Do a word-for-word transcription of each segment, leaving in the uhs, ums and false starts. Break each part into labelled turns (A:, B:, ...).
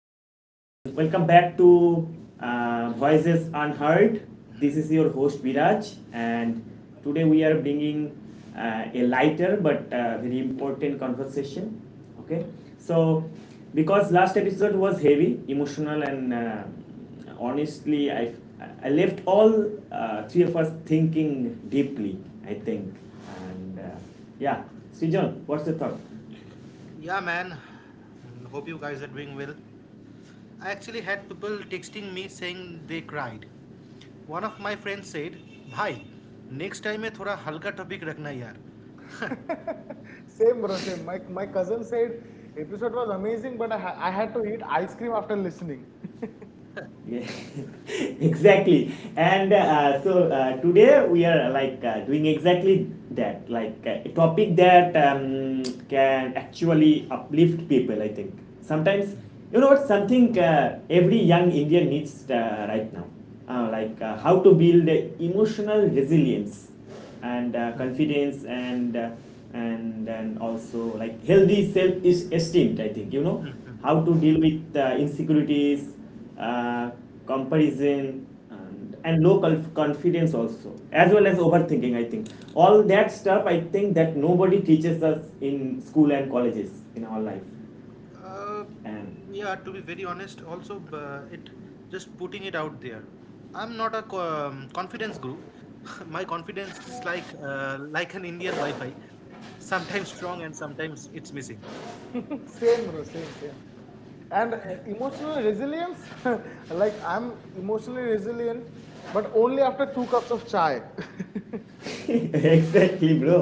A: um, welcome back to uh, Voices Unheard. This is your host Viraj, and today we are bringing uh, a lighter but uh, very important conversation. Okay, so because last episode was heavy, emotional, and uh, honestly, I I left all uh, three of us thinking deeply. I think, and uh, yeah, Srijan, what's your thought?
B: Yeah, man. Mm, Hope you guys are doing well. I actually had people texting me saying they cried. One of my friends said, "भाई, next time में थोड़ा हल्का topic रखना यार."
C: Same, bro. Same. My my cousin said episode was amazing, but I, ha- I had to eat ice cream after listening.
A: Yeah, exactly. And uh, so uh, today we are like uh, doing exactly that, like uh, a topic that um, can actually uplift people. I think sometimes you know what something uh, every young Indian needs uh, right now, uh, like uh, how to build emotional resilience and uh, confidence and uh, and and also like healthy self esteem, I think, you know, how to deal with uh, insecurities, uh, comparison, and, and low confidence also, as well as overthinking. I think all that stuff, I think, that nobody teaches us in school and colleges in our life.
B: uh,
A: And
B: yeah, to be very honest, also uh, it just putting it out there. I'm not a co- um, confidence guru. My confidence is like uh, like an Indian Wi-Fi, sometimes strong and sometimes it's missing.
C: Same, bro. Same, same. And uh, emotional resilience, like I'm emotionally resilient, but only after two cups of chai.
A: exactly, bro,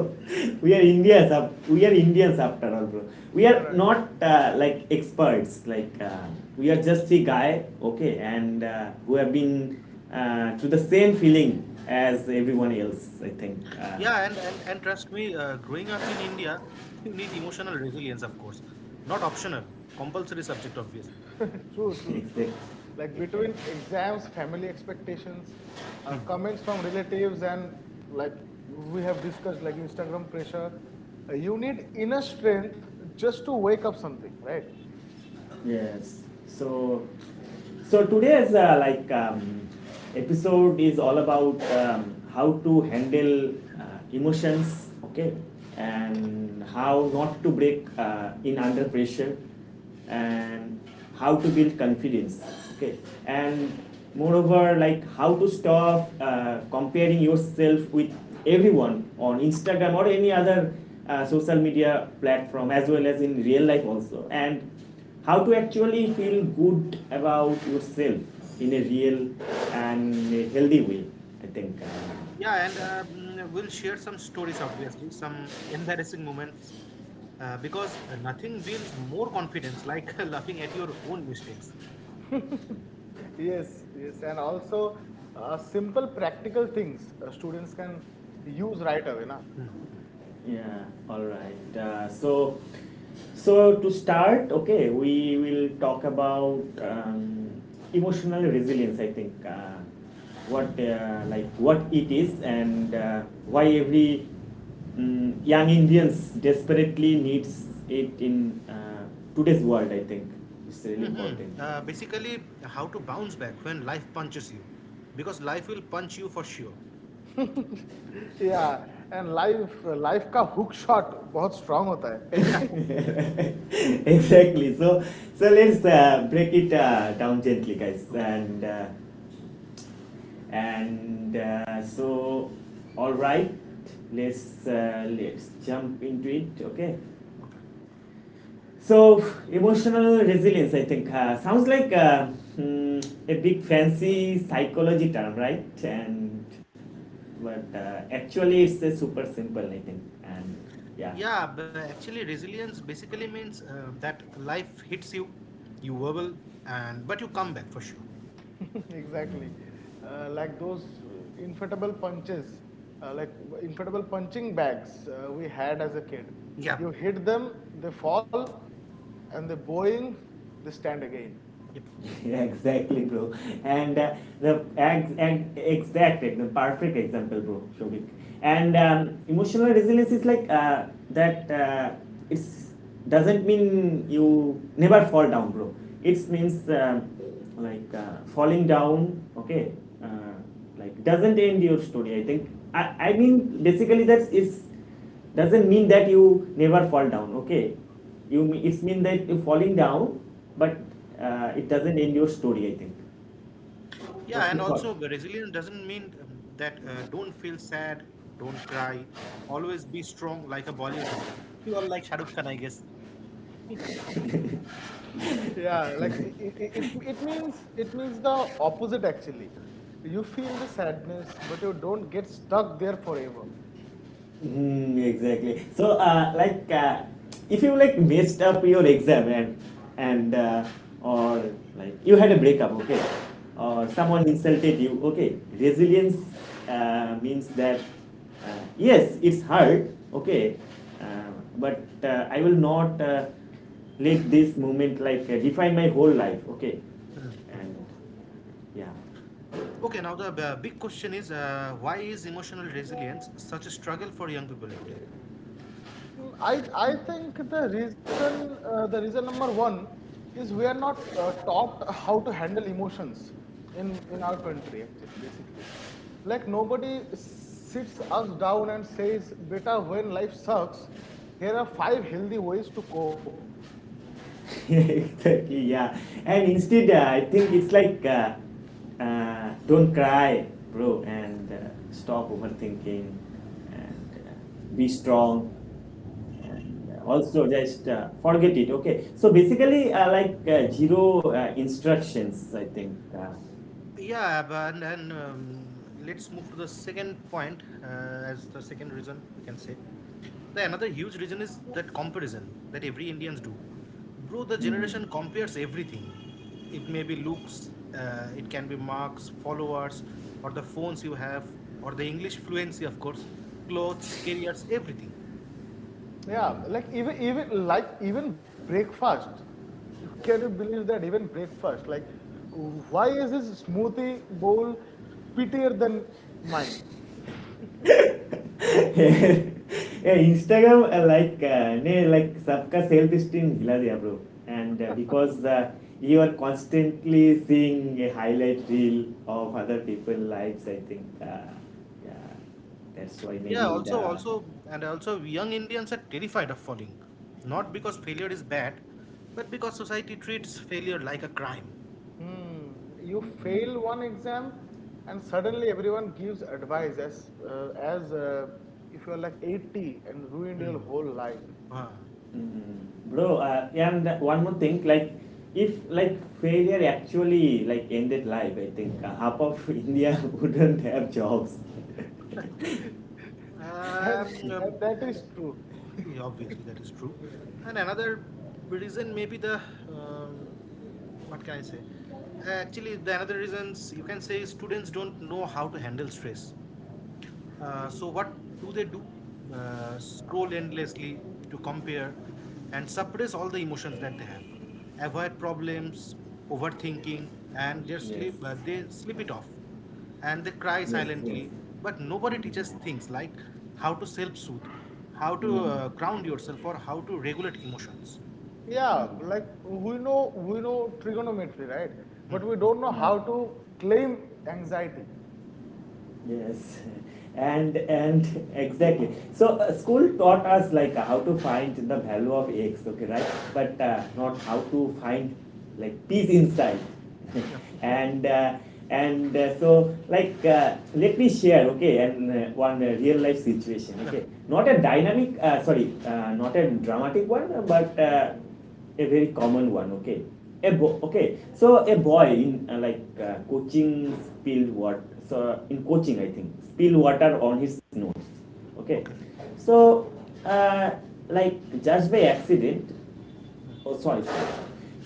A: we are Indians, we are Indians after all, bro. We are
C: Right.
A: not uh, like experts like uh, we are just a guy, okay, and uh, who have been uh, through the same feeling as everyone else, I think. uh,
B: Yeah, and and and trust me, uh, growing up in India, you need emotional resilience, of course, not optional, compulsory subject, obviously.
C: True, true, true.
A: Exactly,
C: Like between
A: exactly.
C: exams, family expectations, uh,
B: Hmm.
C: comments from relatives, and like we have discussed, like Instagram pressure, uh, you need inner strength just to wake up something, right?
A: Yes. So, so today's uh, like um, episode is all about um, how to handle uh, emotions, okay, and how not to break uh, in under pressure, and how to build confidence, okay, and moreover, like, how to stop uh, comparing yourself with everyone on Instagram or any other uh, social media platform, as well as in real life also, and how to actually feel good about yourself in a real and a healthy way, I think.
B: Yeah, and
A: Uh,
B: uh, mm, we'll share some stories, obviously, some embarrassing moments, uh, because nothing builds more confidence like laughing at your own mistakes.
C: Yes, yes, and also uh, simple practical things uh, students can use right away, na?
A: yeah, all right, uh, so so to start, okay, we will talk about um, emotional resilience, I think. Uh, what uh, like what it is, and uh, why every mm, young Indians desperately needs it in uh, today's world. I think it's really
B: Mm-hmm.
A: important.
B: Uh, basically, how to bounce back when life punches you, because life will punch you for sure.
C: Yeah, and life life का hook shot बहुत strong होता है.
A: Exactly. So so let's uh, break it uh, down gently, guys.
B: Okay.
A: And uh, and uh, so all right, let's uh, let's jump into it, okay.
B: Okay.
A: So emotional resilience, I think, uh, sounds like uh, hmm, a big fancy psychology term, right? And but uh, actually it's uh, super simple, I think. And yeah,
B: Yeah, but actually, resilience basically means um, that life hits you, you wobble, and but you come back for sure.
C: Exactly, uh, like those uh, inflatable punches, uh, like inflatable punching bags uh, we had as a kid.
B: Yeah.
C: You hit them, they fall, and they boing, they stand again.
B: Yep.
A: exactly, bro. And uh, the ex- and exact, the perfect example, bro, Shobik. And um, emotional resilience is like uh, that. Uh, it's doesn't mean you never fall down, bro. It means um, like uh, falling down. Okay, uh, like doesn't end your story, I think. i, I mean basically that's it's doesn't mean that you never fall down, okay, you it's mean that you're falling down, but uh, it doesn't end your story, I think.
B: Yeah,
A: What's
B: and
A: your thought?
B: also the resilience doesn't mean um, that uh, don't feel sad, don't cry, always be strong like a Bollywood hero. You are like Shah Rukh Khan, I guess.
C: Yeah, like it, it, it it means it means the opposite actually. You feel the sadness, but you don't get stuck there forever.
A: Mm, exactly. So, uh, like, uh, if you like messed up your exam and and uh, or like you had a breakup, okay, or someone
B: Okay.
A: insulted you, okay, resilience uh, means that uh, yes, it's hard, okay, uh, but uh, I will not uh, let this moment like uh, define my whole life, okay, and yeah.
B: Okay, now the uh, big question is uh, why is emotional resilience such a struggle for young people today?
C: Mm, I I think the reason uh, the reason number one is we are not uh, taught how to handle emotions in in our country actually basically. Like nobody sits us down and says, "Beta, when life sucks, here are five healthy ways to cope."
A: Exactly, yeah. And instead, uh, I think it's like uh, uh, don't cry, bro, and uh, stop overthinking and uh, be strong and uh, also just uh, forget it, okay. So basically uh, like uh, zero uh, instructions, I think. uh,
B: Yeah, but and, and um, let's move to the second point, uh, as the second reason we can say. The another huge reason is that comparison that every Indians do. Bro, the
A: mm,
B: generation compares everything. It may be looks, uh, it can be marks, followers, or the phones you have, or the English fluency, of course, clothes, careers, everything.
C: Yeah, like
A: mm.
C: even even like even breakfast. Can you believe that even breakfast? Like, why is his smoothie bowl pittier than mine?
A: Yeah, Instagram uh, like uh, ne like sabka self esteem hila diya, bro. And uh, because uh, you are constantly seeing a highlight reel of other people's lives, I think. Uh, yeah, that's why
B: Yeah,
A: maybe the
B: also, also, and also, young Indians are terrified of falling, not because failure is bad, but because society treats failure like a crime.
C: Hmm. You
A: mm,
C: fail one exam, and suddenly everyone gives advice as uh, as uh, if you're like eighty and ruined
B: Hmm.
C: your whole life.
B: Ah.
A: mm, bro. Uh, and one more thing, like, if like failure actually like ended life, I think uh, half of India wouldn't have jobs.
C: And
B: Um, um,
C: and that
B: and
C: is true.
B: yeah, obviously that is true. And another reason may be the um, what can I say? Actually, the another reasons you can say is students don't know how to handle stress. Uh, so what do they do? Uh, scroll endlessly to compare and suppress all the emotions that they have. Avoid problems, overthinking, and just
A: Yes,
B: sleep. Uh, they sleep it off. And they cry
A: yes,
B: silently,
A: yes.
B: but nobody
A: Mm.
B: teaches things like how to self-soothe, how to
A: Mm.
B: uh, ground yourself, or how to regulate emotions.
C: Yeah,
A: Mm.
C: like we know we know trigonometry, right? But we don't know
A: Yeah.
C: how to claim anxiety.
A: Yes, and and exactly. So uh, school taught us like how to find the value of x, okay, right? But uh, not how to find like peace inside.
B: Yep.
A: and uh, and uh, So like uh, let me share, okay, and uh, one uh, real life situation,
B: Yep.
A: okay, not a dynamic, uh, sorry, uh, not a dramatic one, but uh, a very common one, okay. A bo- okay so a boy in uh, like uh, coaching spilled water, so in coaching, I think, spilled water on his nose, okay.
B: Okay.
A: So uh, like just by accident. Oh, sorry, sorry.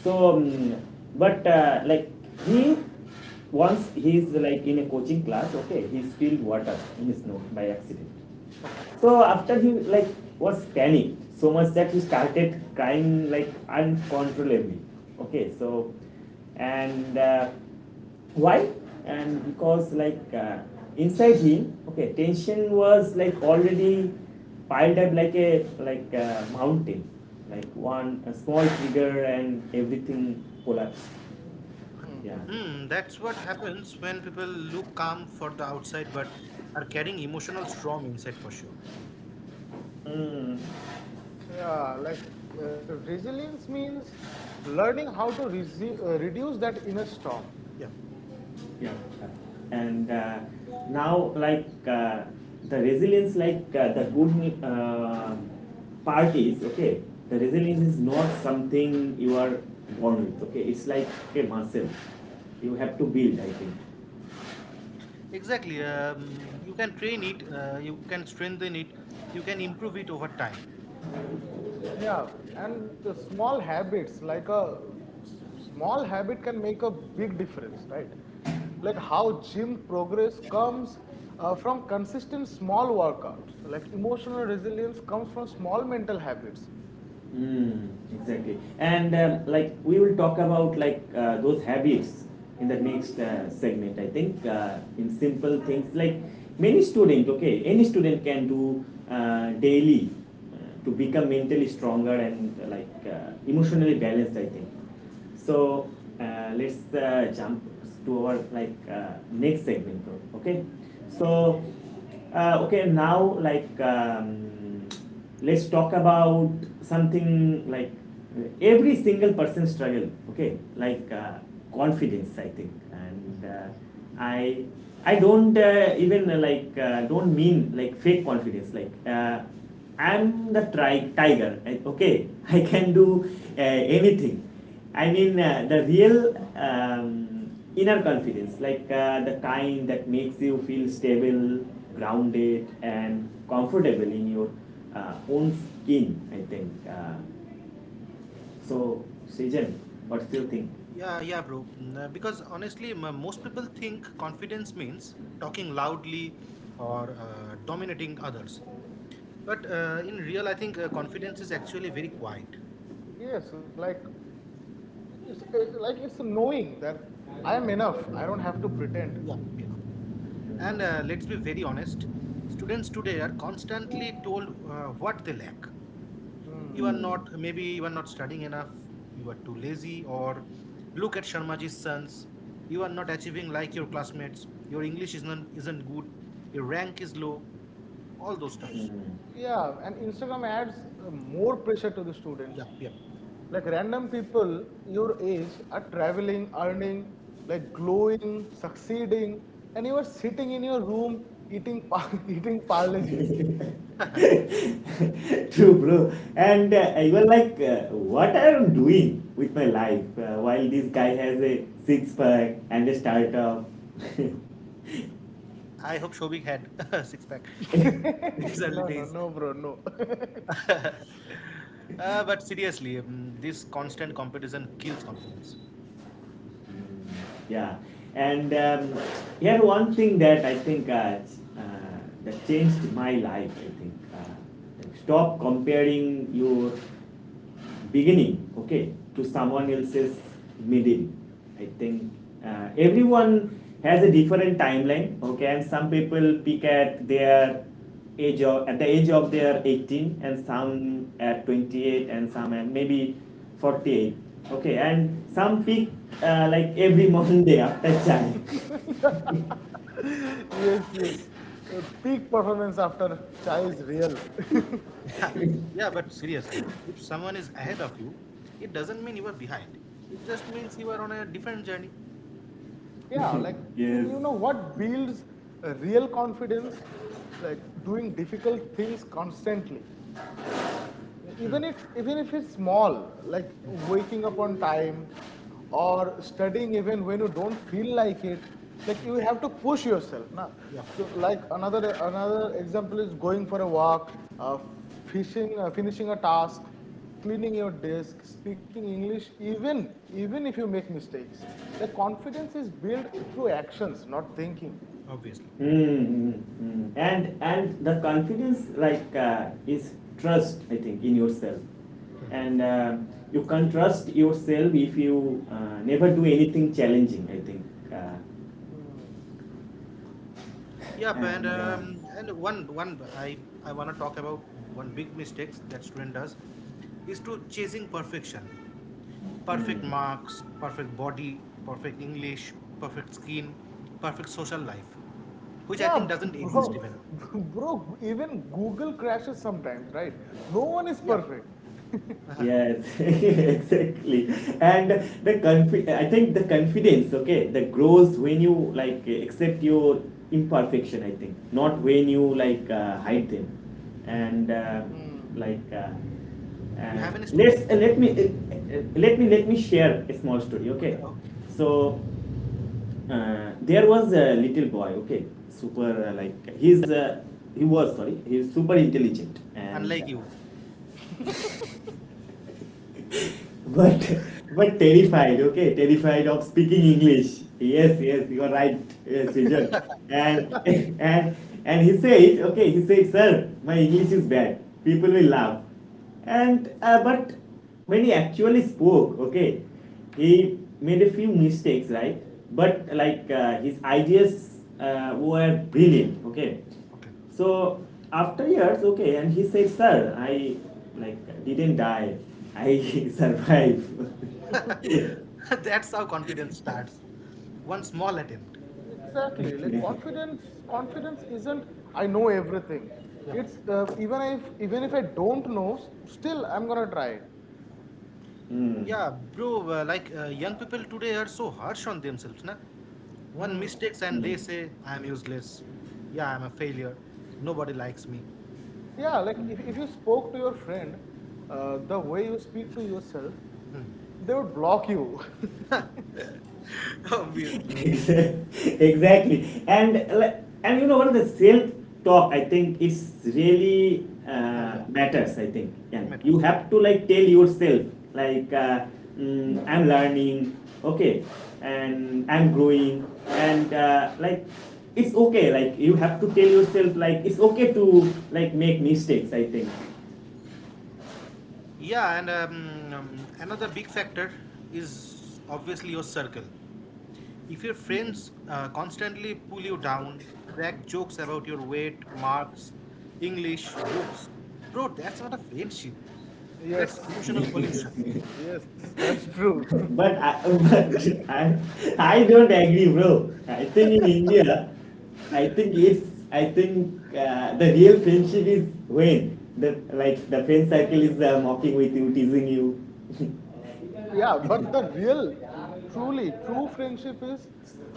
A: So um, but uh, like he once he is like in a coaching class, okay, he spilled water in his nose by accident.
B: Okay.
A: So after he like was panicked so much that he started crying like uncontrollably. Okay, so and uh, why? And because like uh, inside him, okay, tension was like already piled up like a like a mountain, like
C: Hmm.
A: one a small trigger and everything collapsed. Yeah.
C: Mhm.
B: Hmm, that's what happens when people look calm for the outside but are carrying emotional storm inside for sure.
A: Mm.
C: Yeah, like uh, resilience means learning how to resi- uh, reduce that inner storm.
B: Yeah.
A: Yeah, yeah. And uh, now like uh, the resilience, like uh, the good uh, part is, okay, the resilience is not something you are born with, okay. It's like a muscle you have to build, I think.
B: Exactly, um, you can train it, uh, you can strengthen it, you can improve it over time.
C: Yeah, and uh, small habits, like a s- small habit, can make a big difference, right? Like how gym progress comes uh, from consistent small workouts. Like emotional resilience comes from small mental habits.
A: Mm, exactly. And um, like we will talk about like uh, those habits in the next uh, segment. I think uh, in simple things like many student, okay, any student can do uh, daily uh, to become mentally stronger and uh, like uh, emotionally balanced. I think. So uh, let's uh, jump to our like uh, next segment, bro. Okay. So uh, okay, now like. Um, let's talk about something like uh, every single person struggle, okay, like uh, confidence, I think. And uh, i i don't uh, even uh, like uh, don't mean like fake confidence, like uh, I'm the tri- tiger, okay, I can do uh, anything. I mean uh, the real um, inner confidence, like uh, the kind that makes you feel stable, grounded, and comfortable in your uh, own skin, I think. Uh, so, Srijan, what's your thing?
B: Yeah, yeah, bro. Mm, Because honestly, m- uh, most people think confidence means talking loudly or uh, dominating others. But uh, in real, I think uh, confidence is actually very quiet.
C: Yes, like it's uh, like it's knowing that I am enough. I don't have to pretend.
B: Yeah, yeah. And uh, let's
A: Mm,
B: be very honest, students today are constantly told uh, what they lack. You are
C: Hmm.
B: not, maybe you are not studying enough. You are too lazy, or look at Sharmaji's sons. You are not achieving like your classmates. Your English isn't isn't good. Your rank is low. All those stuffs.
A: mm,
C: Yeah, and Instagram adds uh, more pressure to the students.
B: Yep, yep.
C: Like random people your age are traveling, earning, like glowing, succeeding, and you are sitting in your room eating pa eating parleji's.
A: mm. True, bro. And uh, you were like, uh, what I am doing with my life uh, while this guy has a six pack and a startup.
B: I hope Shobik had six pack in his early
C: No, no,
B: days.
C: no, bro, no.
B: Uh, but seriously, um, this constant competition kills confidence.
A: Yeah. And um, here one thing that I think uh, uh, that changed my life, I think, uh, like stop comparing your beginning, okay, to someone else's middle. I think uh, everyone has a different timeline, okay, and some people peak at their age of at the age of their eighteen, and some at twenty-eight, and some at maybe forty-eight, okay, and some peak uh, like every Monday after child.
C: Yes, yes. Uh, peak performance after chai is real.
B: Yeah, but seriously, if someone is ahead of you, it doesn't mean you are behind. It just means you are on a different journey.
C: Yeah, like
A: Yes.
C: you know what builds a real confidence? Like doing difficult things constantly, even
B: Hmm,
C: if even if it's small, like
B: hmm,
C: waking up on time or studying even when you don't feel like it. Like, you
B: hmm.
C: have to push yourself now.
B: Yeah,
C: So, like, another another example is going for a walk, uh, fishing, uh, finishing a task, cleaning your desk, speaking English, even even if you make mistakes. Like, confidence is built through actions, not thinking.
B: obviously.
A: Mm-hmm. And and the confidence, like, uh, is trust, I think, in yourself. And uh, you can trust yourself if you uh, never do anything challenging, I think. Uh,
B: Yep, and
A: and uh,
B: um, and one one I I want to talk about one big mistakes that student does is to chasing perfection,
A: mm,
B: perfect marks, perfect body, perfect English, perfect skin, perfect social life, which I
C: Yeah,
B: think
C: b-
B: doesn't
C: bro.
B: exist
A: mm.
B: even.
C: Bro, even Google crashes sometimes, right? No one is
B: Yep.
C: perfect.
B: Uh-huh.
A: Yes, exactly. And the confi- I think the confidence, okay, that grows when you like accept your imperfection, I think, not when you like uh, hide them. And uh,
C: Mm,
A: like uh,
B: You
A: uh,
B: have any story?
A: let's uh, let me uh, uh, let me let me share a small story, okay?
B: Okay.
A: So uh, there was a little boy, okay, super uh, like he's uh, he was sorry, he's super intelligent and
B: Unlike you.
A: but but terrified, okay, terrified of speaking English. Yes, yes, you are right, yes, Srijan. And and and he said, okay, he said, "Sir, my English is bad, people will laugh." And uh, but when he actually spoke, okay, he made a few mistakes, right, but like uh, his ideas uh, were brilliant, okay.
B: Okay.
A: So after years, okay, and he said, "Sir, I like didn't die. I survived." Yeah.
B: That's how confidence starts. One small attempt.
C: exactly. Like, confidence, confidence isn't "I know everything."
B: Yep.
C: It's, uh, even if even if I don't know, s- still I'm gonna try it.
A: Mm.
B: Yeah, bro, uh, like uh, young people today are so harsh on themselves, na? One
C: Hmm.
B: mistakes and
A: Mm.
B: they say, I am useless. Yeah, I'm a failure. Nobody likes me.
C: Yeah, like, if, if you spoke to your friend, uh, the way you speak to yourself, they would block you.
B: Obviously.
A: Exactly. And like and you know what, the self talk, I think, it's really
B: Oh,
A: uh,
B: yeah,
A: matters, I think. Yeah,
B: it
A: you
B: matters.
A: have to like tell yourself like uh, mm, I'm learning, okay, and I'm growing, and uh, like it's okay. Like you have to tell yourself like it's okay to like make mistakes, I think.
B: Yeah, and um, um, another big factor is obviously your circle. If your
A: Mm.
B: friends uh, constantly pull you down, crack jokes about your weight, marks, English, looks, bro, that's not a friendship. That's
C: Yes,
B: emotional pollution.
C: yes, yes, that's true.
A: But I, but I, I don't agree, bro. I think in India, I think it's, I think uh, the real friendship is when the like the friend circle is uh, mocking with you, teasing you.
C: Yeah, but the real, the truly true friendship is,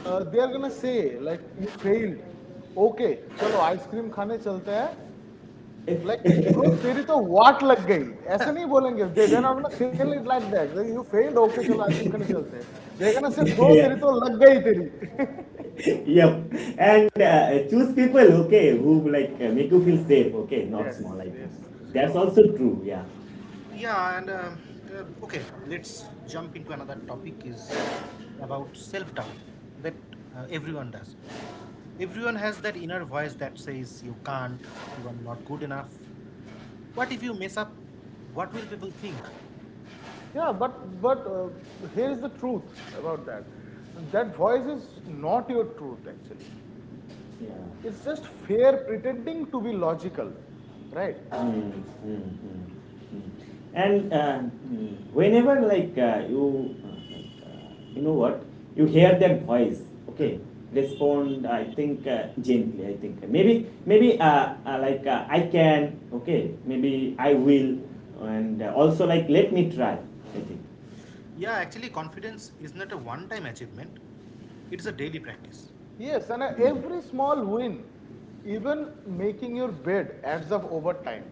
C: uh, they are gonna say, like, you failed. Okay, चलो ice cream खाने चलते हैं. Like, bro, तेरी तो वाट लग गई, ऐसे नहीं बोलेंगे. They they're not fail it like that. You failed, okay, चलो आइसक्रीम खाने चलते हैं. दे गोना से, ब्रो, तेरी तो लग गई, तेरी.
A: Yep, and uh, choose people, okay, who like uh, make you feel safe, okay, not
C: Yes,
A: small. I think
C: yes, yes,
A: that's
C: true.
A: also true. Yeah,
B: Yeah, and um, uh, okay, let's jump into another topic is about self-doubt that uh, everyone does. Everyone has that inner voice that says you can't, you are not good enough. What if you mess up? What will people think?
C: Yeah, but but uh, here's the truth about that: that voice is not your truth, actually.
A: yeah.
C: It's just fear pretending to be logical, right?
A: Mm, mm, mm, mm. And uh, mm, whenever like uh, you uh, like uh, you know what, you hear that voice, okay, respond. I think uh, gently. I think maybe maybe uh, uh, like uh, I can. Okay, maybe I will, and uh, also like let me try. I think.
B: Yeah, actually, confidence is not a one-time achievement. It's a daily practice.
C: Yes, and uh,
A: Mm.
C: every small win, even making your bed, adds up over time.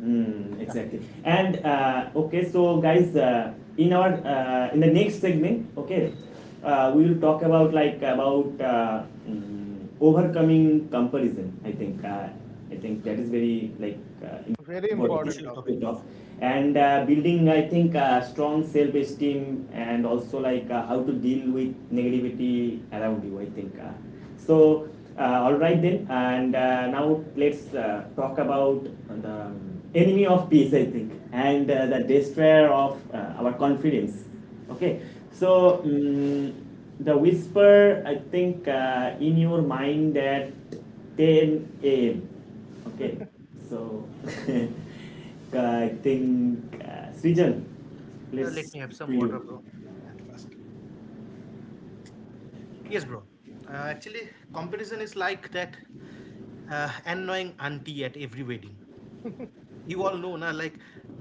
A: Mm,
B: Yeah,
A: exactly. And uh, okay, so guys, uh, in our uh, in the next segment, okay, uh, we will talk about like about uh, mm, overcoming comparison. I think uh, I think that is very like uh,
C: Very
A: about
B: very
A: things
C: important
B: crucial topic.
C: topic.
A: to talk, and uh, building, I think, uh, strong self-esteem, and also like uh, how to deal with negativity around you, I think. Uh, so uh, all right then. And uh, now let's uh, talk about the enemy of peace, I think, and uh, the destroyer of uh, our confidence. Okay, so mm the whisper, I think, uh, in your mind at ten a m. Okay, so I think, uh, Srijan,
B: Uh, let
A: please,
B: me have
A: to
B: some water,
A: you.
B: bro. At first. Yes, bro. Uh, actually, comparison is like that uh, annoying auntie at every wedding. You all know ना like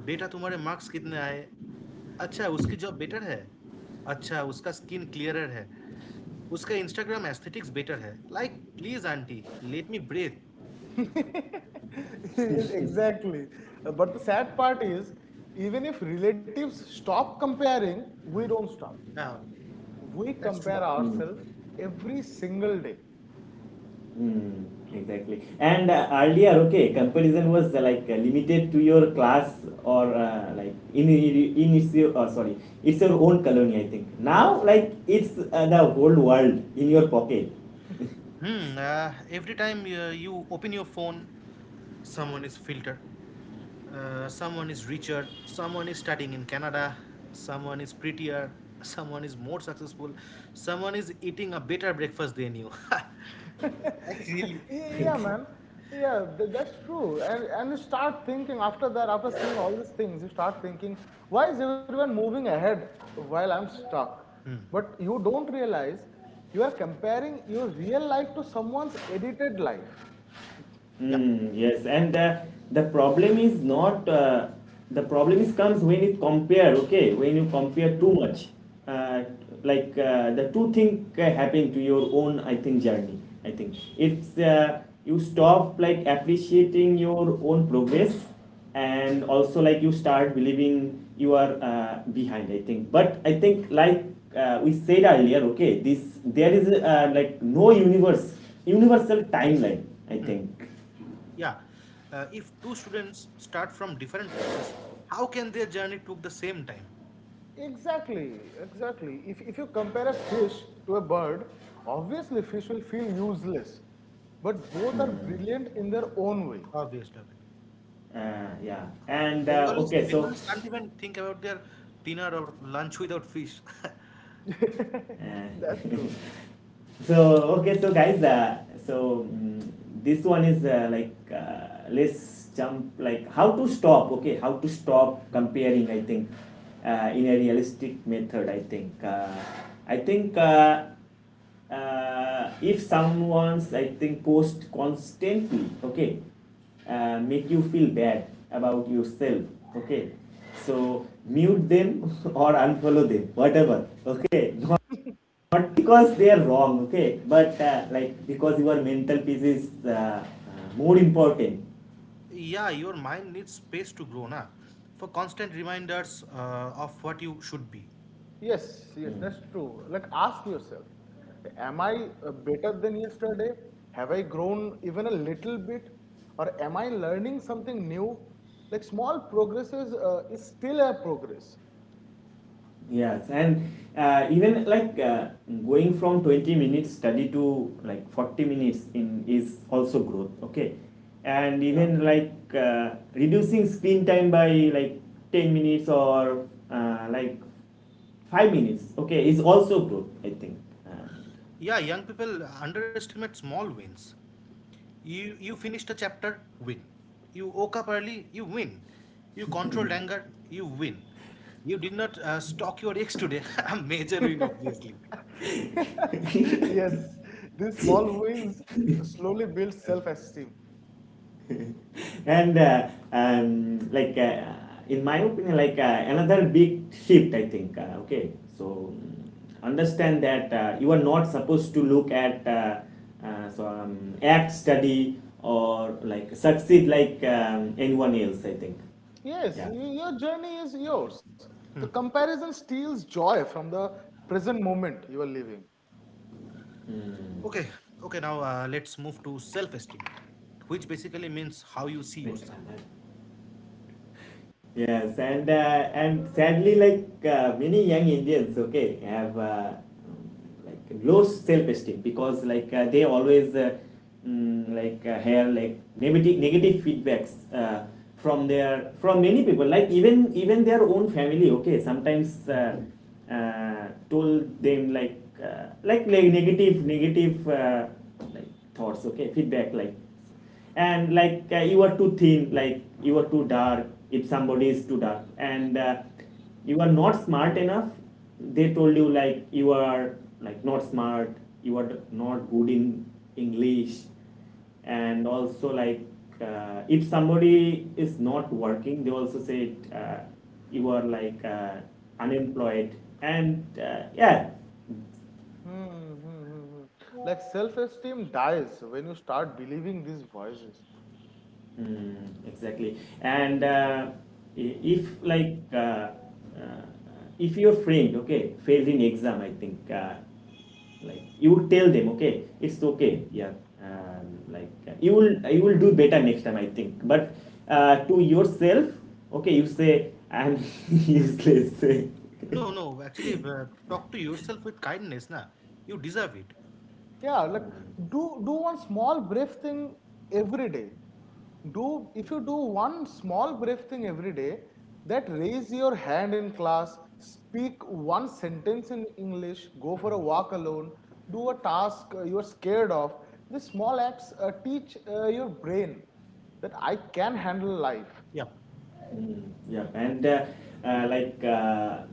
B: बेटा तुम्हारे marks कितने आए अच्छा उसकी job better है अच्छा उसका स्किन क्लियरर है उसका इंस्टाग्राम एस्थेटिक्स बेटर है like please aunty let me breathe
C: Exactly. Uh, But the sad part is, even if relatives stop comparing, we don't stop.
B: हाँ,
C: We
B: that's true.
C: compare
A: Hmm.
C: ourselves every single day.
A: Hmm. Exactly. And uh, earlier, okay, comparison was uh, like uh, limited to your class, or uh, like in in its your- or sorry, it's your own colony. I think now, like, it's uh, the whole world in your pocket.
B: Hmm. Uh, every time uh, you open your phone, someone is filter. Uh, someone is richer. Someone is studying in Canada. Someone is prettier. Someone is more successful. Someone is eating a better breakfast than you. Like really.
C: Yeah, yeah, man. Yeah, th- that's true. And and you start thinking after that, after seeing all these things, you start thinking, why is everyone moving ahead while I'm stuck?
B: Hmm.
C: But you don't realize you are comparing your real life to someone's edited life.
B: Yeah.
A: Hmm, yes, and uh, the problem is not, uh, the problem is comes when it compare. Okay, when you compare too much, uh, like uh, the two thing uh, happen to your own, I think, journey. I think it's uh, you stop like appreciating your own progress, and also like you start believing you are uh, behind, I think. But I think like uh, we said earlier. Okay, this, there is uh, like no universe universal timeline, I think.
B: Yeah. Uh, if two students start from different places, how can their journey took the same time?
C: Exactly, exactly. If, if you compare a fish to a bird, obviously fish will feel useless, but both are
A: Mm,
C: brilliant in their own way.
B: Obviously. Obviously.
A: uh, yeah. And uh,
B: Bengalis,
A: okay, so
B: Bengalis can't even think about their dinner or lunch without fish.
A: Uh,
C: That's true.
A: so okay, so guys, uh, so mm, this one is uh, like uh, let's jump, like, how to stop. Okay, how to stop comparing, I think, uh, in a realistic method, I think. uh, I think. Uh, uh, if someone's, I think, post constantly, okay, uh, make you feel bad about yourself, okay. So mute them or unfollow them, whatever, okay. Not not because they are wrong, okay, but uh, like because your mental peace is uh, uh, more important.
B: Yeah, your mind needs space to grow, na, for constant reminders uh, of what you should be.
C: Yes, yes, that's true. Like, ask yourself, am I uh, better than yesterday? Have I grown even a little bit? Or am I learning something new? Like, small progresses uh, is still a progress.
A: Yes, and uh, even like uh, going from twenty minutes study to like forty minutes in is also growth, okay, and
C: Yeah.
A: even like uh, reducing screen time by like ten minutes or uh, like five minutes, okay, is also growth, I think.
B: Yeah, young people underestimate small wins. You you finished a chapter, win. You woke up early, you win. You controlled anger, you win. You did not uh, stalk your ex today, a major win, obviously.
C: Yes, these small
A: And
C: wins slowly build self-esteem.
A: and uh, um, like uh, in my opinion, like uh, another big shift, I think, uh, okay, so mm, understand that uh, you are not supposed to look at uh, uh, so um, act, study, or like succeed like um, anyone else, I think.
C: Yes,
A: Yeah.
C: y- your journey is yours. The comparison steals joy from the present moment you are living.
B: Okay,
A: Mm.
B: okay, now uh, let's move to self esteem which basically means how you see
A: Like,
B: yourself.
A: uh, yes, and uh, and sadly, like uh, many young Indians, okay, have uh, um, like low self-esteem because like uh, they always uh, mm, like uh, hear, like, negative negative feedbacks uh, from their from many people, like even even their own family. Okay, sometimes uh, uh, told them like uh, like like negative negative uh, like like thoughts, okay, feedback, like. And like uh, you are too thin, like you are too dark, if somebody is too dark. And uh, you are not smart enough, they told you like you are, like, not smart, you are not good in English. And also like uh, if somebody is not working, they also said uh, you are like uh, unemployed. And uh, yeah.
C: Hmm, hmm, hmm, hmm. Like self-esteem dies when you start believing these voices.
A: Mm, exactly. And uh, i- if like uh, uh, if your friend, okay, failed in exam, I think uh, like you would tell them, okay, it's okay, yeah. Um, like uh, you will you will do better next time, I think. But uh, to yourself, okay, you say I'm useless.
B: No, no, actually, uh, talk to yourself with kindness, na. You deserve it.
C: Yeah, like do do one small brave thing every day. Do If you do one small brave thing every day, that raise your hand in class, speak one sentence in English, go for a walk alone, do a task uh, you are scared of. These small acts uh, teach uh, your brain that I can handle life.
B: Yeah.
A: Mm, yeah, and uh, uh, like uh,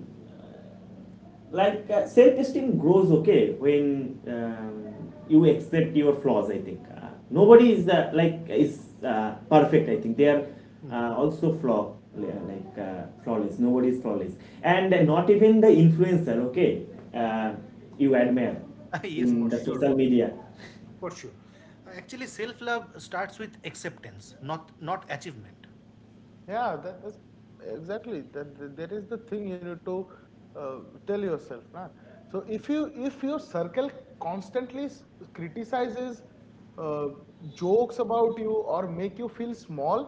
A: like uh, self-esteem grows, okay, when um, you accept your flaws, I think. Uh, nobody is uh, like is uh, perfect, I think. They are uh, also flaw, like uh, flawless. Nobody is flawless. And uh, not even the influencer, okay, uh, you admire
B: Yes,
A: in
B: for
A: the
C: Hmm.
B: sure,
A: social
B: bro.
A: media.
B: For sure. Uh, Actually, self-love starts with acceptance, not not achievement.
C: Yeah, that, that's exactly that, that that is the thing you need to uh, tell yourself, na? So if you if your circle constantly s- criticizes, uh, jokes about you, or make you feel small,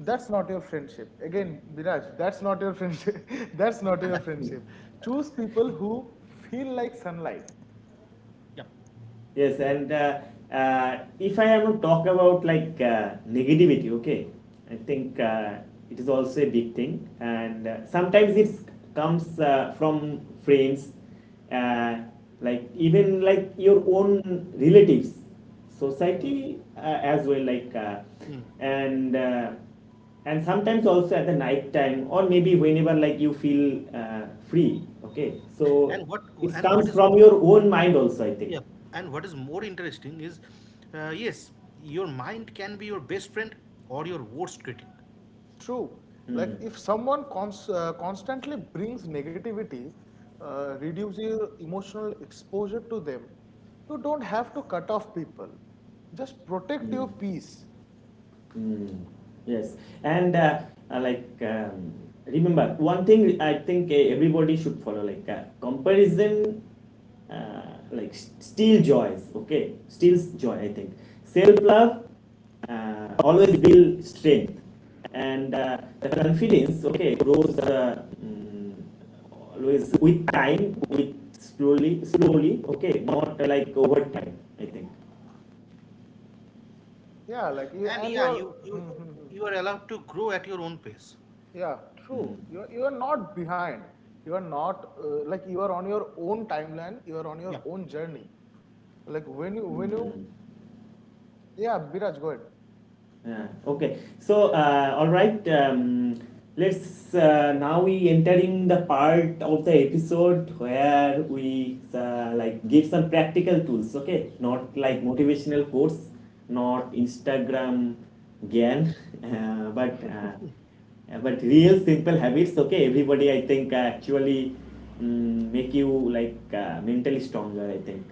C: that's not your friendship. Again, Viraj, that's not your friendship. That's not your friendship. Choose people who feel like sunlight.
B: Yeah.
A: Yes, and uh, uh, if I have to talk about, like, uh, negativity, okay, I think uh, it is also a big thing, and uh, sometimes it comes uh, from friends, uh, like even like your own relatives,
C: Hmm.
A: society uh, as well, like, uh, and uh, and sometimes also at the night time, or maybe whenever like you feel uh, free, okay, so
B: And what
A: it
B: and what
A: comes
B: is
A: from your own mind also, I think.
B: yeah and what is more interesting is, uh, yes, your mind can be your best friend or your worst critic.
C: True.
A: Hmm.
C: Like, if someone cons- uh, constantly brings negativity, uh, reduce your emotional exposure to them. You don't have to cut off people. Just protect your
A: Hmm.
C: peace.
A: Mm. Yes, and uh, uh, like um, remember one thing, I think, uh, everybody should follow, like, uh, comparison, uh, like s- steal joys. Okay, steals joy, I think. Self love uh, always build strength, and uh, the confidence, okay, grows uh, mm, always with time, with slowly, slowly. Okay, not uh, like over time, I think.
C: Yeah, like you
B: And
C: and
B: yeah,
C: your.
B: you you
C: Hmm, hmm, hmm.
B: you are allowed to grow at your own pace.
C: Yeah,
A: Hmm.
C: true. You are, you are not behind. You are not, uh, like, you are on your own timeline. You are on
B: Yeah.
C: your own journey. Like when you when you
A: Hmm.
C: yeah, Biraj, go ahead.
A: Yeah, okay. So, uh, all right. Um, let's uh, now we entering the part of the episode where we uh, like give some practical tools. Okay, not
B: Mm,
A: like
B: mm,
A: motivational quotes,
B: yeah.
A: not Instagram gyan, uh, but uh, uh, but real simple habits. Okay, everybody, I think uh, actually mm, make you like uh, mentally stronger, I think.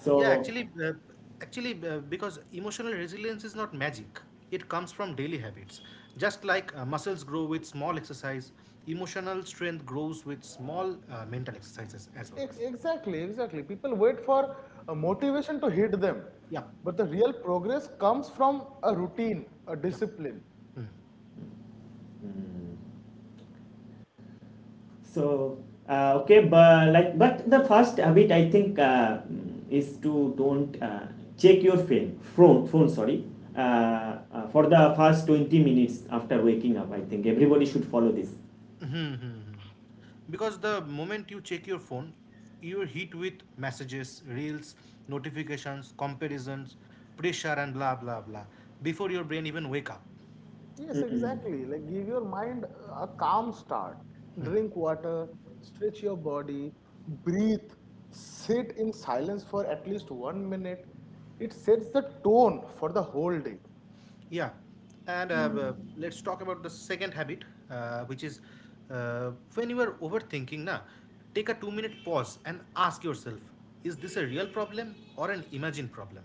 B: Yeah, actually, uh, actually, uh, because emotional resilience is not magic. It comes from daily habits. Just like uh, muscles grow with small exercise, emotional strength grows with small uh, mental exercises as well.
C: Ex- Exactly, exactly. People wait for a motivation to hit them,
B: Yeah,
C: but the real progress comes from a routine, a
B: yeah.
C: discipline.
A: mm, So uh, okay, but like but the first habit, I think, uh, mm, is to don't uh, check your phone phone phone, sorry, uh, uh, for the first twenty minutes after waking up. I think everybody should follow this.
B: Because the moment you check your phone, you're hit with messages, reels, notifications, comparisons, pressure, and blah blah blah. Before your brain even wake up.
C: Yes,
A: Mm,
C: exactly. Like, give your mind a calm start. Drink water, stretch your body, breathe, sit in silence for at least one minute. It sets the tone for the whole day.
B: Yeah, and uh,
A: mm,
B: uh, let's talk about the second habit, uh, which is uh, when you are overthinking, na, take a two minute pause and ask yourself, is this a real problem or an imagined problem?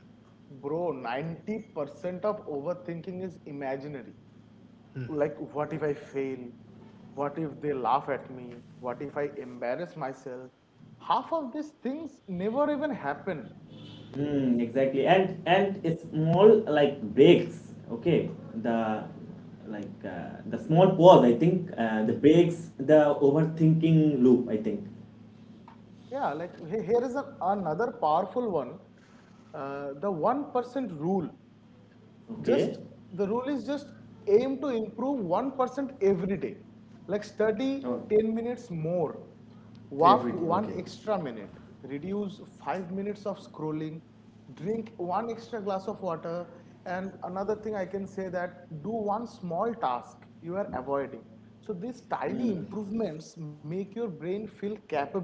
C: Bro, ninety percent of overthinking is imaginary. Like, what if I fail? What if they laugh at me? What if I embarrass myself? Half of these things never even happen.
A: mm, exactly, and and it's small like breaks, okay, the like uh, the small pause, I think, uh, the breaks the overthinking loop, I think.
C: Yeah, like, he- here is an, another powerful one, uh, the one percent rule. just
A: Okay.
C: the rule is just aim to improve one percent every day. Like, study
A: Oh,
C: ten minutes more, walk
A: every day,
C: one
A: okay.
C: extra minute reduce five minutes of scrolling, drink one extra glass of water. And another thing I can say, that do one small task you are avoiding. So these tiny
A: Hmm.
C: improvements make your brain feel capable.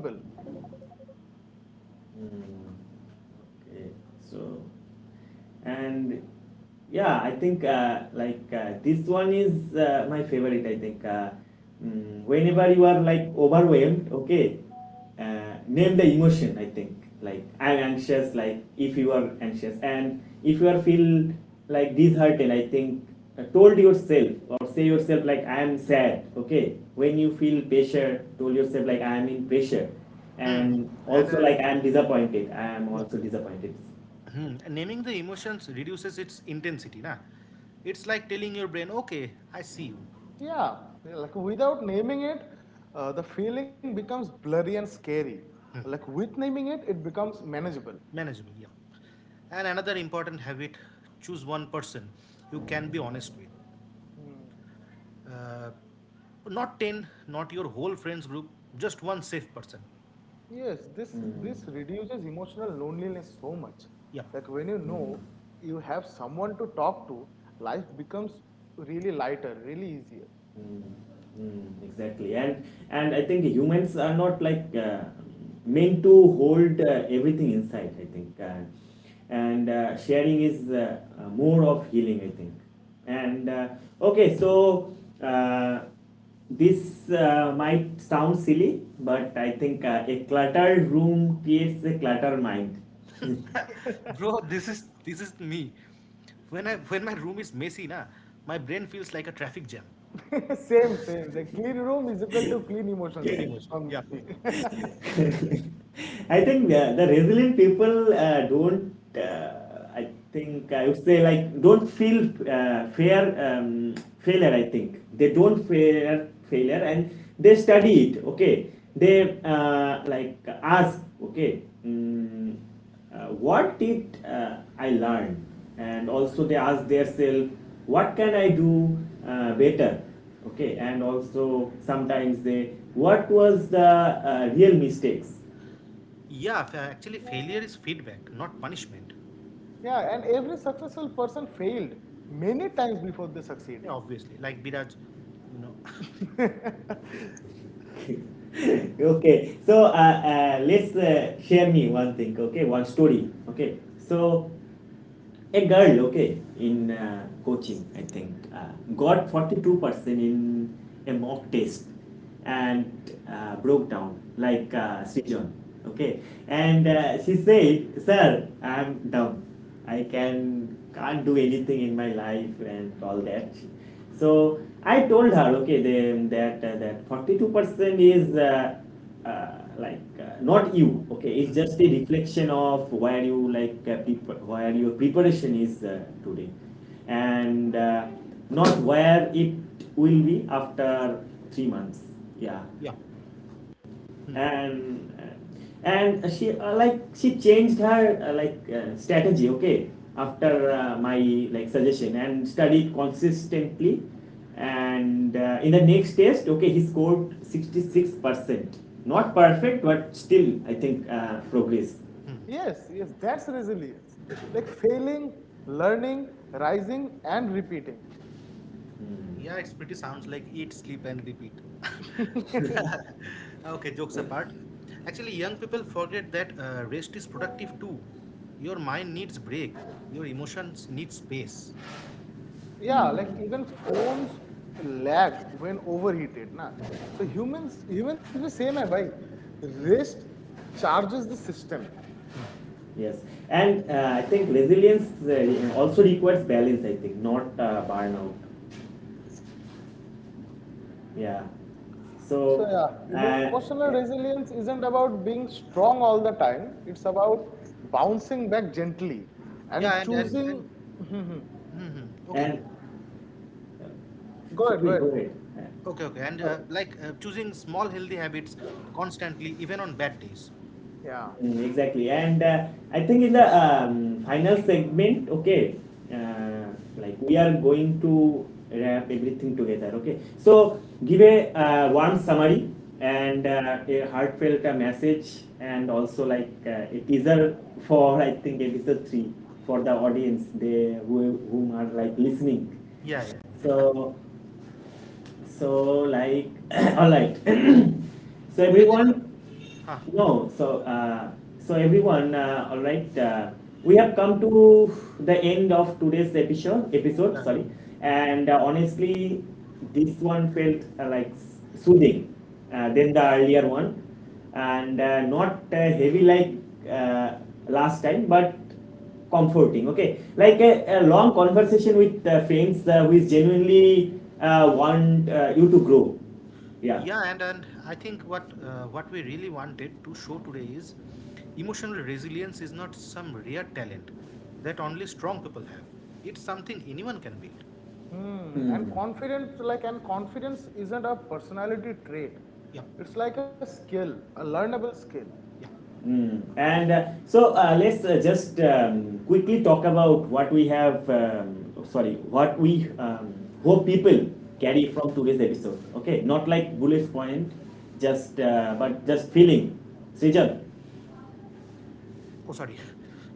A: Hmm. Okay. So, and yeah, I think uh, like uh, this one is uh, my favorite, I think, uh, mm, whenever you are, like, overwhelmed, okay, uh, name the emotion, I think. Like I'm anxious. Like if you are anxious, and if you are feel like disheartened, I think uh, told yourself or say yourself like I am sad. Okay, when you feel pressure, told yourself like I am in pressure,
B: Hmm. Hmm.
A: and
B: And
A: also
B: uh,
A: like I'm disappointed, I am
B: yeah,
A: also disappointed.
B: hmm. And naming the emotions reduces its intensity. Na, it's like telling your brain, okay, I see you,
C: Yeah, yeah, like without naming it, uh, the feeling becomes blurry and scary. Like with naming it, it becomes manageable.
B: manageable. Yeah. And another important habit, choose one person you can be honest with.
C: Hmm.
B: Uh, Not ten, not your whole friends group, just one safe person.
C: Yes, this this
A: Mm,
C: reduces emotional loneliness so much.
B: Yeah.
C: Like when you
A: mm,
C: know you have someone to talk to, life becomes really lighter, really easier.
A: mm, mm, exactly, and and I think humans are not like uh, meant to hold uh, everything inside, I think, uh, and uh, sharing is uh, uh, more of healing, I think, and uh, okay, so uh, this uh, might sound silly, but I think uh, a cluttered room creates a cluttered mind.
B: Bro, this is this is me. When I when my room is messy, na, my brain feels like a traffic jam.
C: Same, same. The clean room is equal to clean emotions for me.
A: I think uh, the resilient people uh, don't. Uh, I think I would say like don't feel uh, fear um, failure. I think they don't fear failure, and they study it. Okay, they uh, like ask. Okay, mm, uh, what did uh, I learn? And also they ask themselves, what can I do uh, better? Okay, and also sometimes they, what was the uh, real mistakes?
B: Yeah, fa- actually failure is feedback, not punishment.
C: Yeah, and every successful person failed many times before they
B: Yeah,
C: succeeding.
B: obviously. Like Biraj, you know.
A: Okay, so uh, uh, let's uh, share me one thing. Okay, one story. Okay, so a girl, okay, in uh, coaching, I think, uh, got forty-two percent in a mock test and uh, broke down, like uh, Srijan, okay. And uh, she said, Sir, I'm dumb. I can, can't do anything in my life and all that. So I told her, okay, then that, uh, that forty-two percent is uh, uh, like uh, not you, okay. It's
B: Hmm,
A: just a reflection of where you, like, uh, prep- where your preparation is uh, today, and uh, not where it will be after three months, yeah.
B: yeah. Hmm.
A: And and she uh, like she changed her uh, like uh, strategy, okay, after uh, my, like, suggestion, and studied consistently, and uh, in the next test, okay, he scored sixty-six percent. Not perfect, but still, I think, uh, progress.
C: Yes, yes, that's resilience. Like, failing, learning, rising, and repeating.
B: Yeah, it's pretty sounds like eat, sleep and repeat. Okay, jokes apart. Actually, young people forget that uh, rest is productive too. Your mind needs break. Your emotions need space.
C: Yeah, like
A: Mm.
C: even phones lag when overheated, na. So humans, humans भी same है भाई. Rest charges the system.
A: Yes, and uh, I think resilience uh, also requires balance, I think, not uh, burnout. Yeah. So,
C: So yeah,
A: uh, uh,
C: emotional resilience isn't about being strong all the time. It's about bouncing back gently
B: Yeah,
C: and
B: and and
A: mm.
B: and
C: choosing. Go
B: mhm. Okay, you can.
A: And uh, should
C: ahead, go
A: we
C: ahead.
A: go ahead?
B: Okay, okay, and
A: Uh,
B: uh,
A: Okay.
B: like uh, choosing small healthy habits constantly, even on bad days.
C: Yeah.
A: Mm, exactly. And uh, I think in the um, final segment, okay, uh,
B: Yep.
A: like we are going to wrap everything together, okay? So give a uh, warm summary and uh, a heartfelt uh, message and also like uh, a teaser for, I think, episode three for the audience they, who, whom are like listening.
B: Yeah, yeah. Yeah.
A: So so like all right so
B: Okay, then.
A: everyone,
B: Huh.
A: no, so uh, so everyone, uh, all right. Uh, we have come to the end of today's episode. Episode,
B: Yeah.
A: sorry, and uh, honestly, this one felt uh, like soothing uh, than the earlier one, and uh, not uh, heavy like uh, last time, but comforting. Okay, like a, a long conversation with uh, friends uh, who is genuinely uh, want uh, you to grow. Yeah.
B: Yeah, and and I think what uh, what we really wanted to show today is emotional resilience is not some rare talent that only strong people have. It's something anyone can build.
C: Hmm.
A: Hmm.
C: And confidence, like, and confidence isn't a personality trait.
B: Yep.
C: It's like a skill, a learnable skill.
B: Yeah.
A: Mm. And uh, so uh, let's uh, just um, quickly talk about what we have, um, sorry, what we um, hope people carry from today's episode. Okay, not like bullet point, just uh, but just feeling. Srijal.
B: Oh, sorry.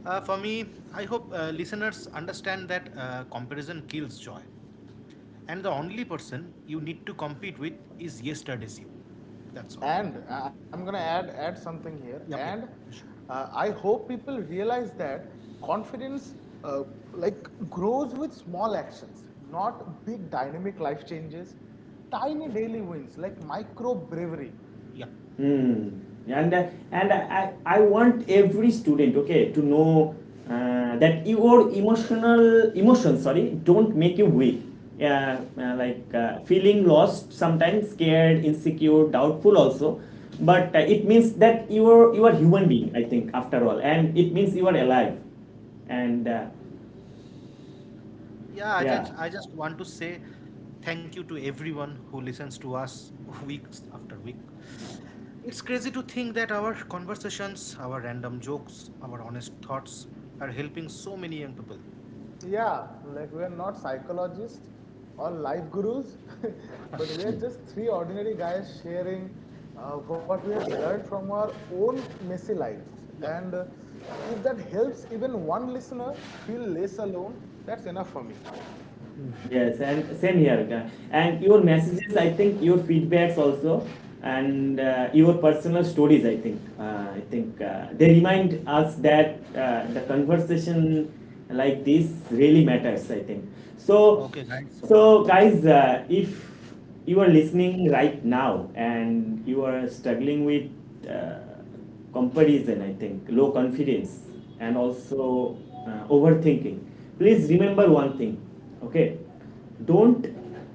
B: Uh, for me, I hope uh, listeners understand that uh, comparison kills joy. And the only person you need to compete with is yesterday's you. That's all.
C: And uh, I'm gonna add add something here. And
B: Yep, yep, for sure.
C: uh, I hope people realize that confidence, uh, like, grows with small actions, not big dynamic life changes, tiny daily wins, like micro bravery.
B: Yep.
A: Hmm. And uh, and I, I want every student, okay, to know uh, that your emotional emotions, sorry, don't make you weak. Yeah, uh, like uh, feeling lost, sometimes scared, insecure, doubtful also. But uh, it means that you are you are human being, I think, after all, and it means you are alive. And uh,
B: Yeah, I
A: yeah.
B: just I just want to say thank you to everyone who listens to us weeks after week. It's crazy to think that our conversations, our random jokes, our honest thoughts are helping so many young people.
C: Yeah, like we're not psychologists or life gurus, but we're just three ordinary guys sharing uh, what we have learned from our own messy lives.
B: Yeah.
C: And uh, if that helps even one listener feel less alone, that's enough for me.
A: Yes, and same here. uh, And your messages, I think, your feedbacks also, and uh, your personal stories, I think, uh, I think uh, they remind us that uh, the conversation like this really matters, I think so.
B: Okay, guys.
A: So, guys, uh, if you are listening right now and you are struggling with uh, comparison, I think, low confidence, and also uh, overthinking. Please remember one thing, okay? Don't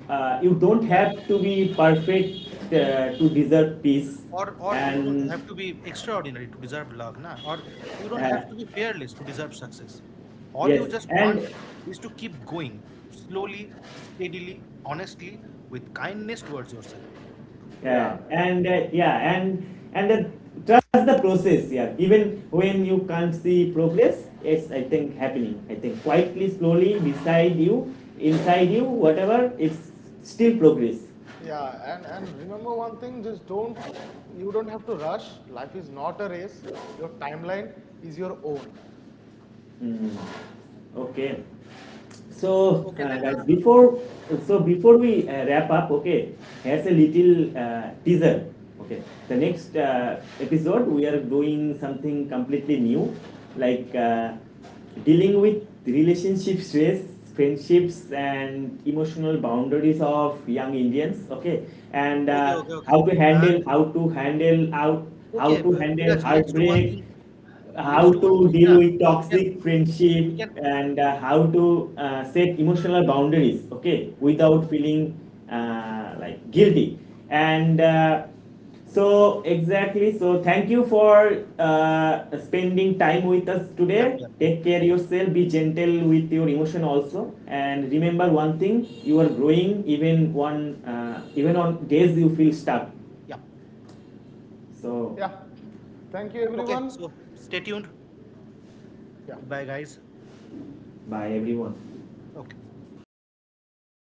A: uh, You don't
B: Yeah,
A: have to be perfect uh, to deserve peace,
B: or or you don't
A: and
B: have to be extraordinary to deserve love, na, or you don't
A: uh,
B: have to be fearless to deserve success. All you
A: yes,
B: just
A: and
B: want is to keep going slowly, steadily, honestly, with kindness towards yourself.
C: Yeah,
A: yeah,
C: yeah.
A: and uh, yeah, and and uh, trust the process. Yeah, even when you can't see progress, it's, I think, happening, I think, quietly, slowly, beside you, inside you, whatever, it's still progress.
C: Yeah, and and remember one thing, just don't you don't have to rush. Life is not a race. Your timeline is your own.
A: Mm. Okay. So,
B: Okay, then,
A: uh, guys, before, so before we uh, wrap up, okay, here's a little uh, teaser. Okay, the next uh, episode we are doing something completely new, like uh, dealing with relationship stress, friendships, and emotional boundaries of young Indians. Okay,
B: uh,
A: and
B: okay, okay,
A: uh,
B: okay,
A: how to
B: uh,
A: handle how to handle out
B: okay,
A: how to
B: B- Biraj,
A: handle
B: let's do one thing.
A: heartbreak,
B: Let's do
A: how
B: one thing,
A: to
B: na.
A: deal with
B: we can we,
A: toxic
B: we
A: friendship,
B: can
A: and uh, how to uh, set emotional boundaries, okay, without feeling uh, like guilty, and uh, so exactly, so thank you for uh, spending time with us
B: Yeah,
A: today.
B: yeah,
A: Take care yourself, be gentle with your emotion also, and remember one thing, you are growing, even one uh, even on days you feel stuck.
B: yeah.
A: So
C: Yeah. Thank you
B: Okay,
C: everyone.
B: so stay tuned.
C: Yeah.
B: Goodbye, guys.
A: bye, everyone.
B: Okay.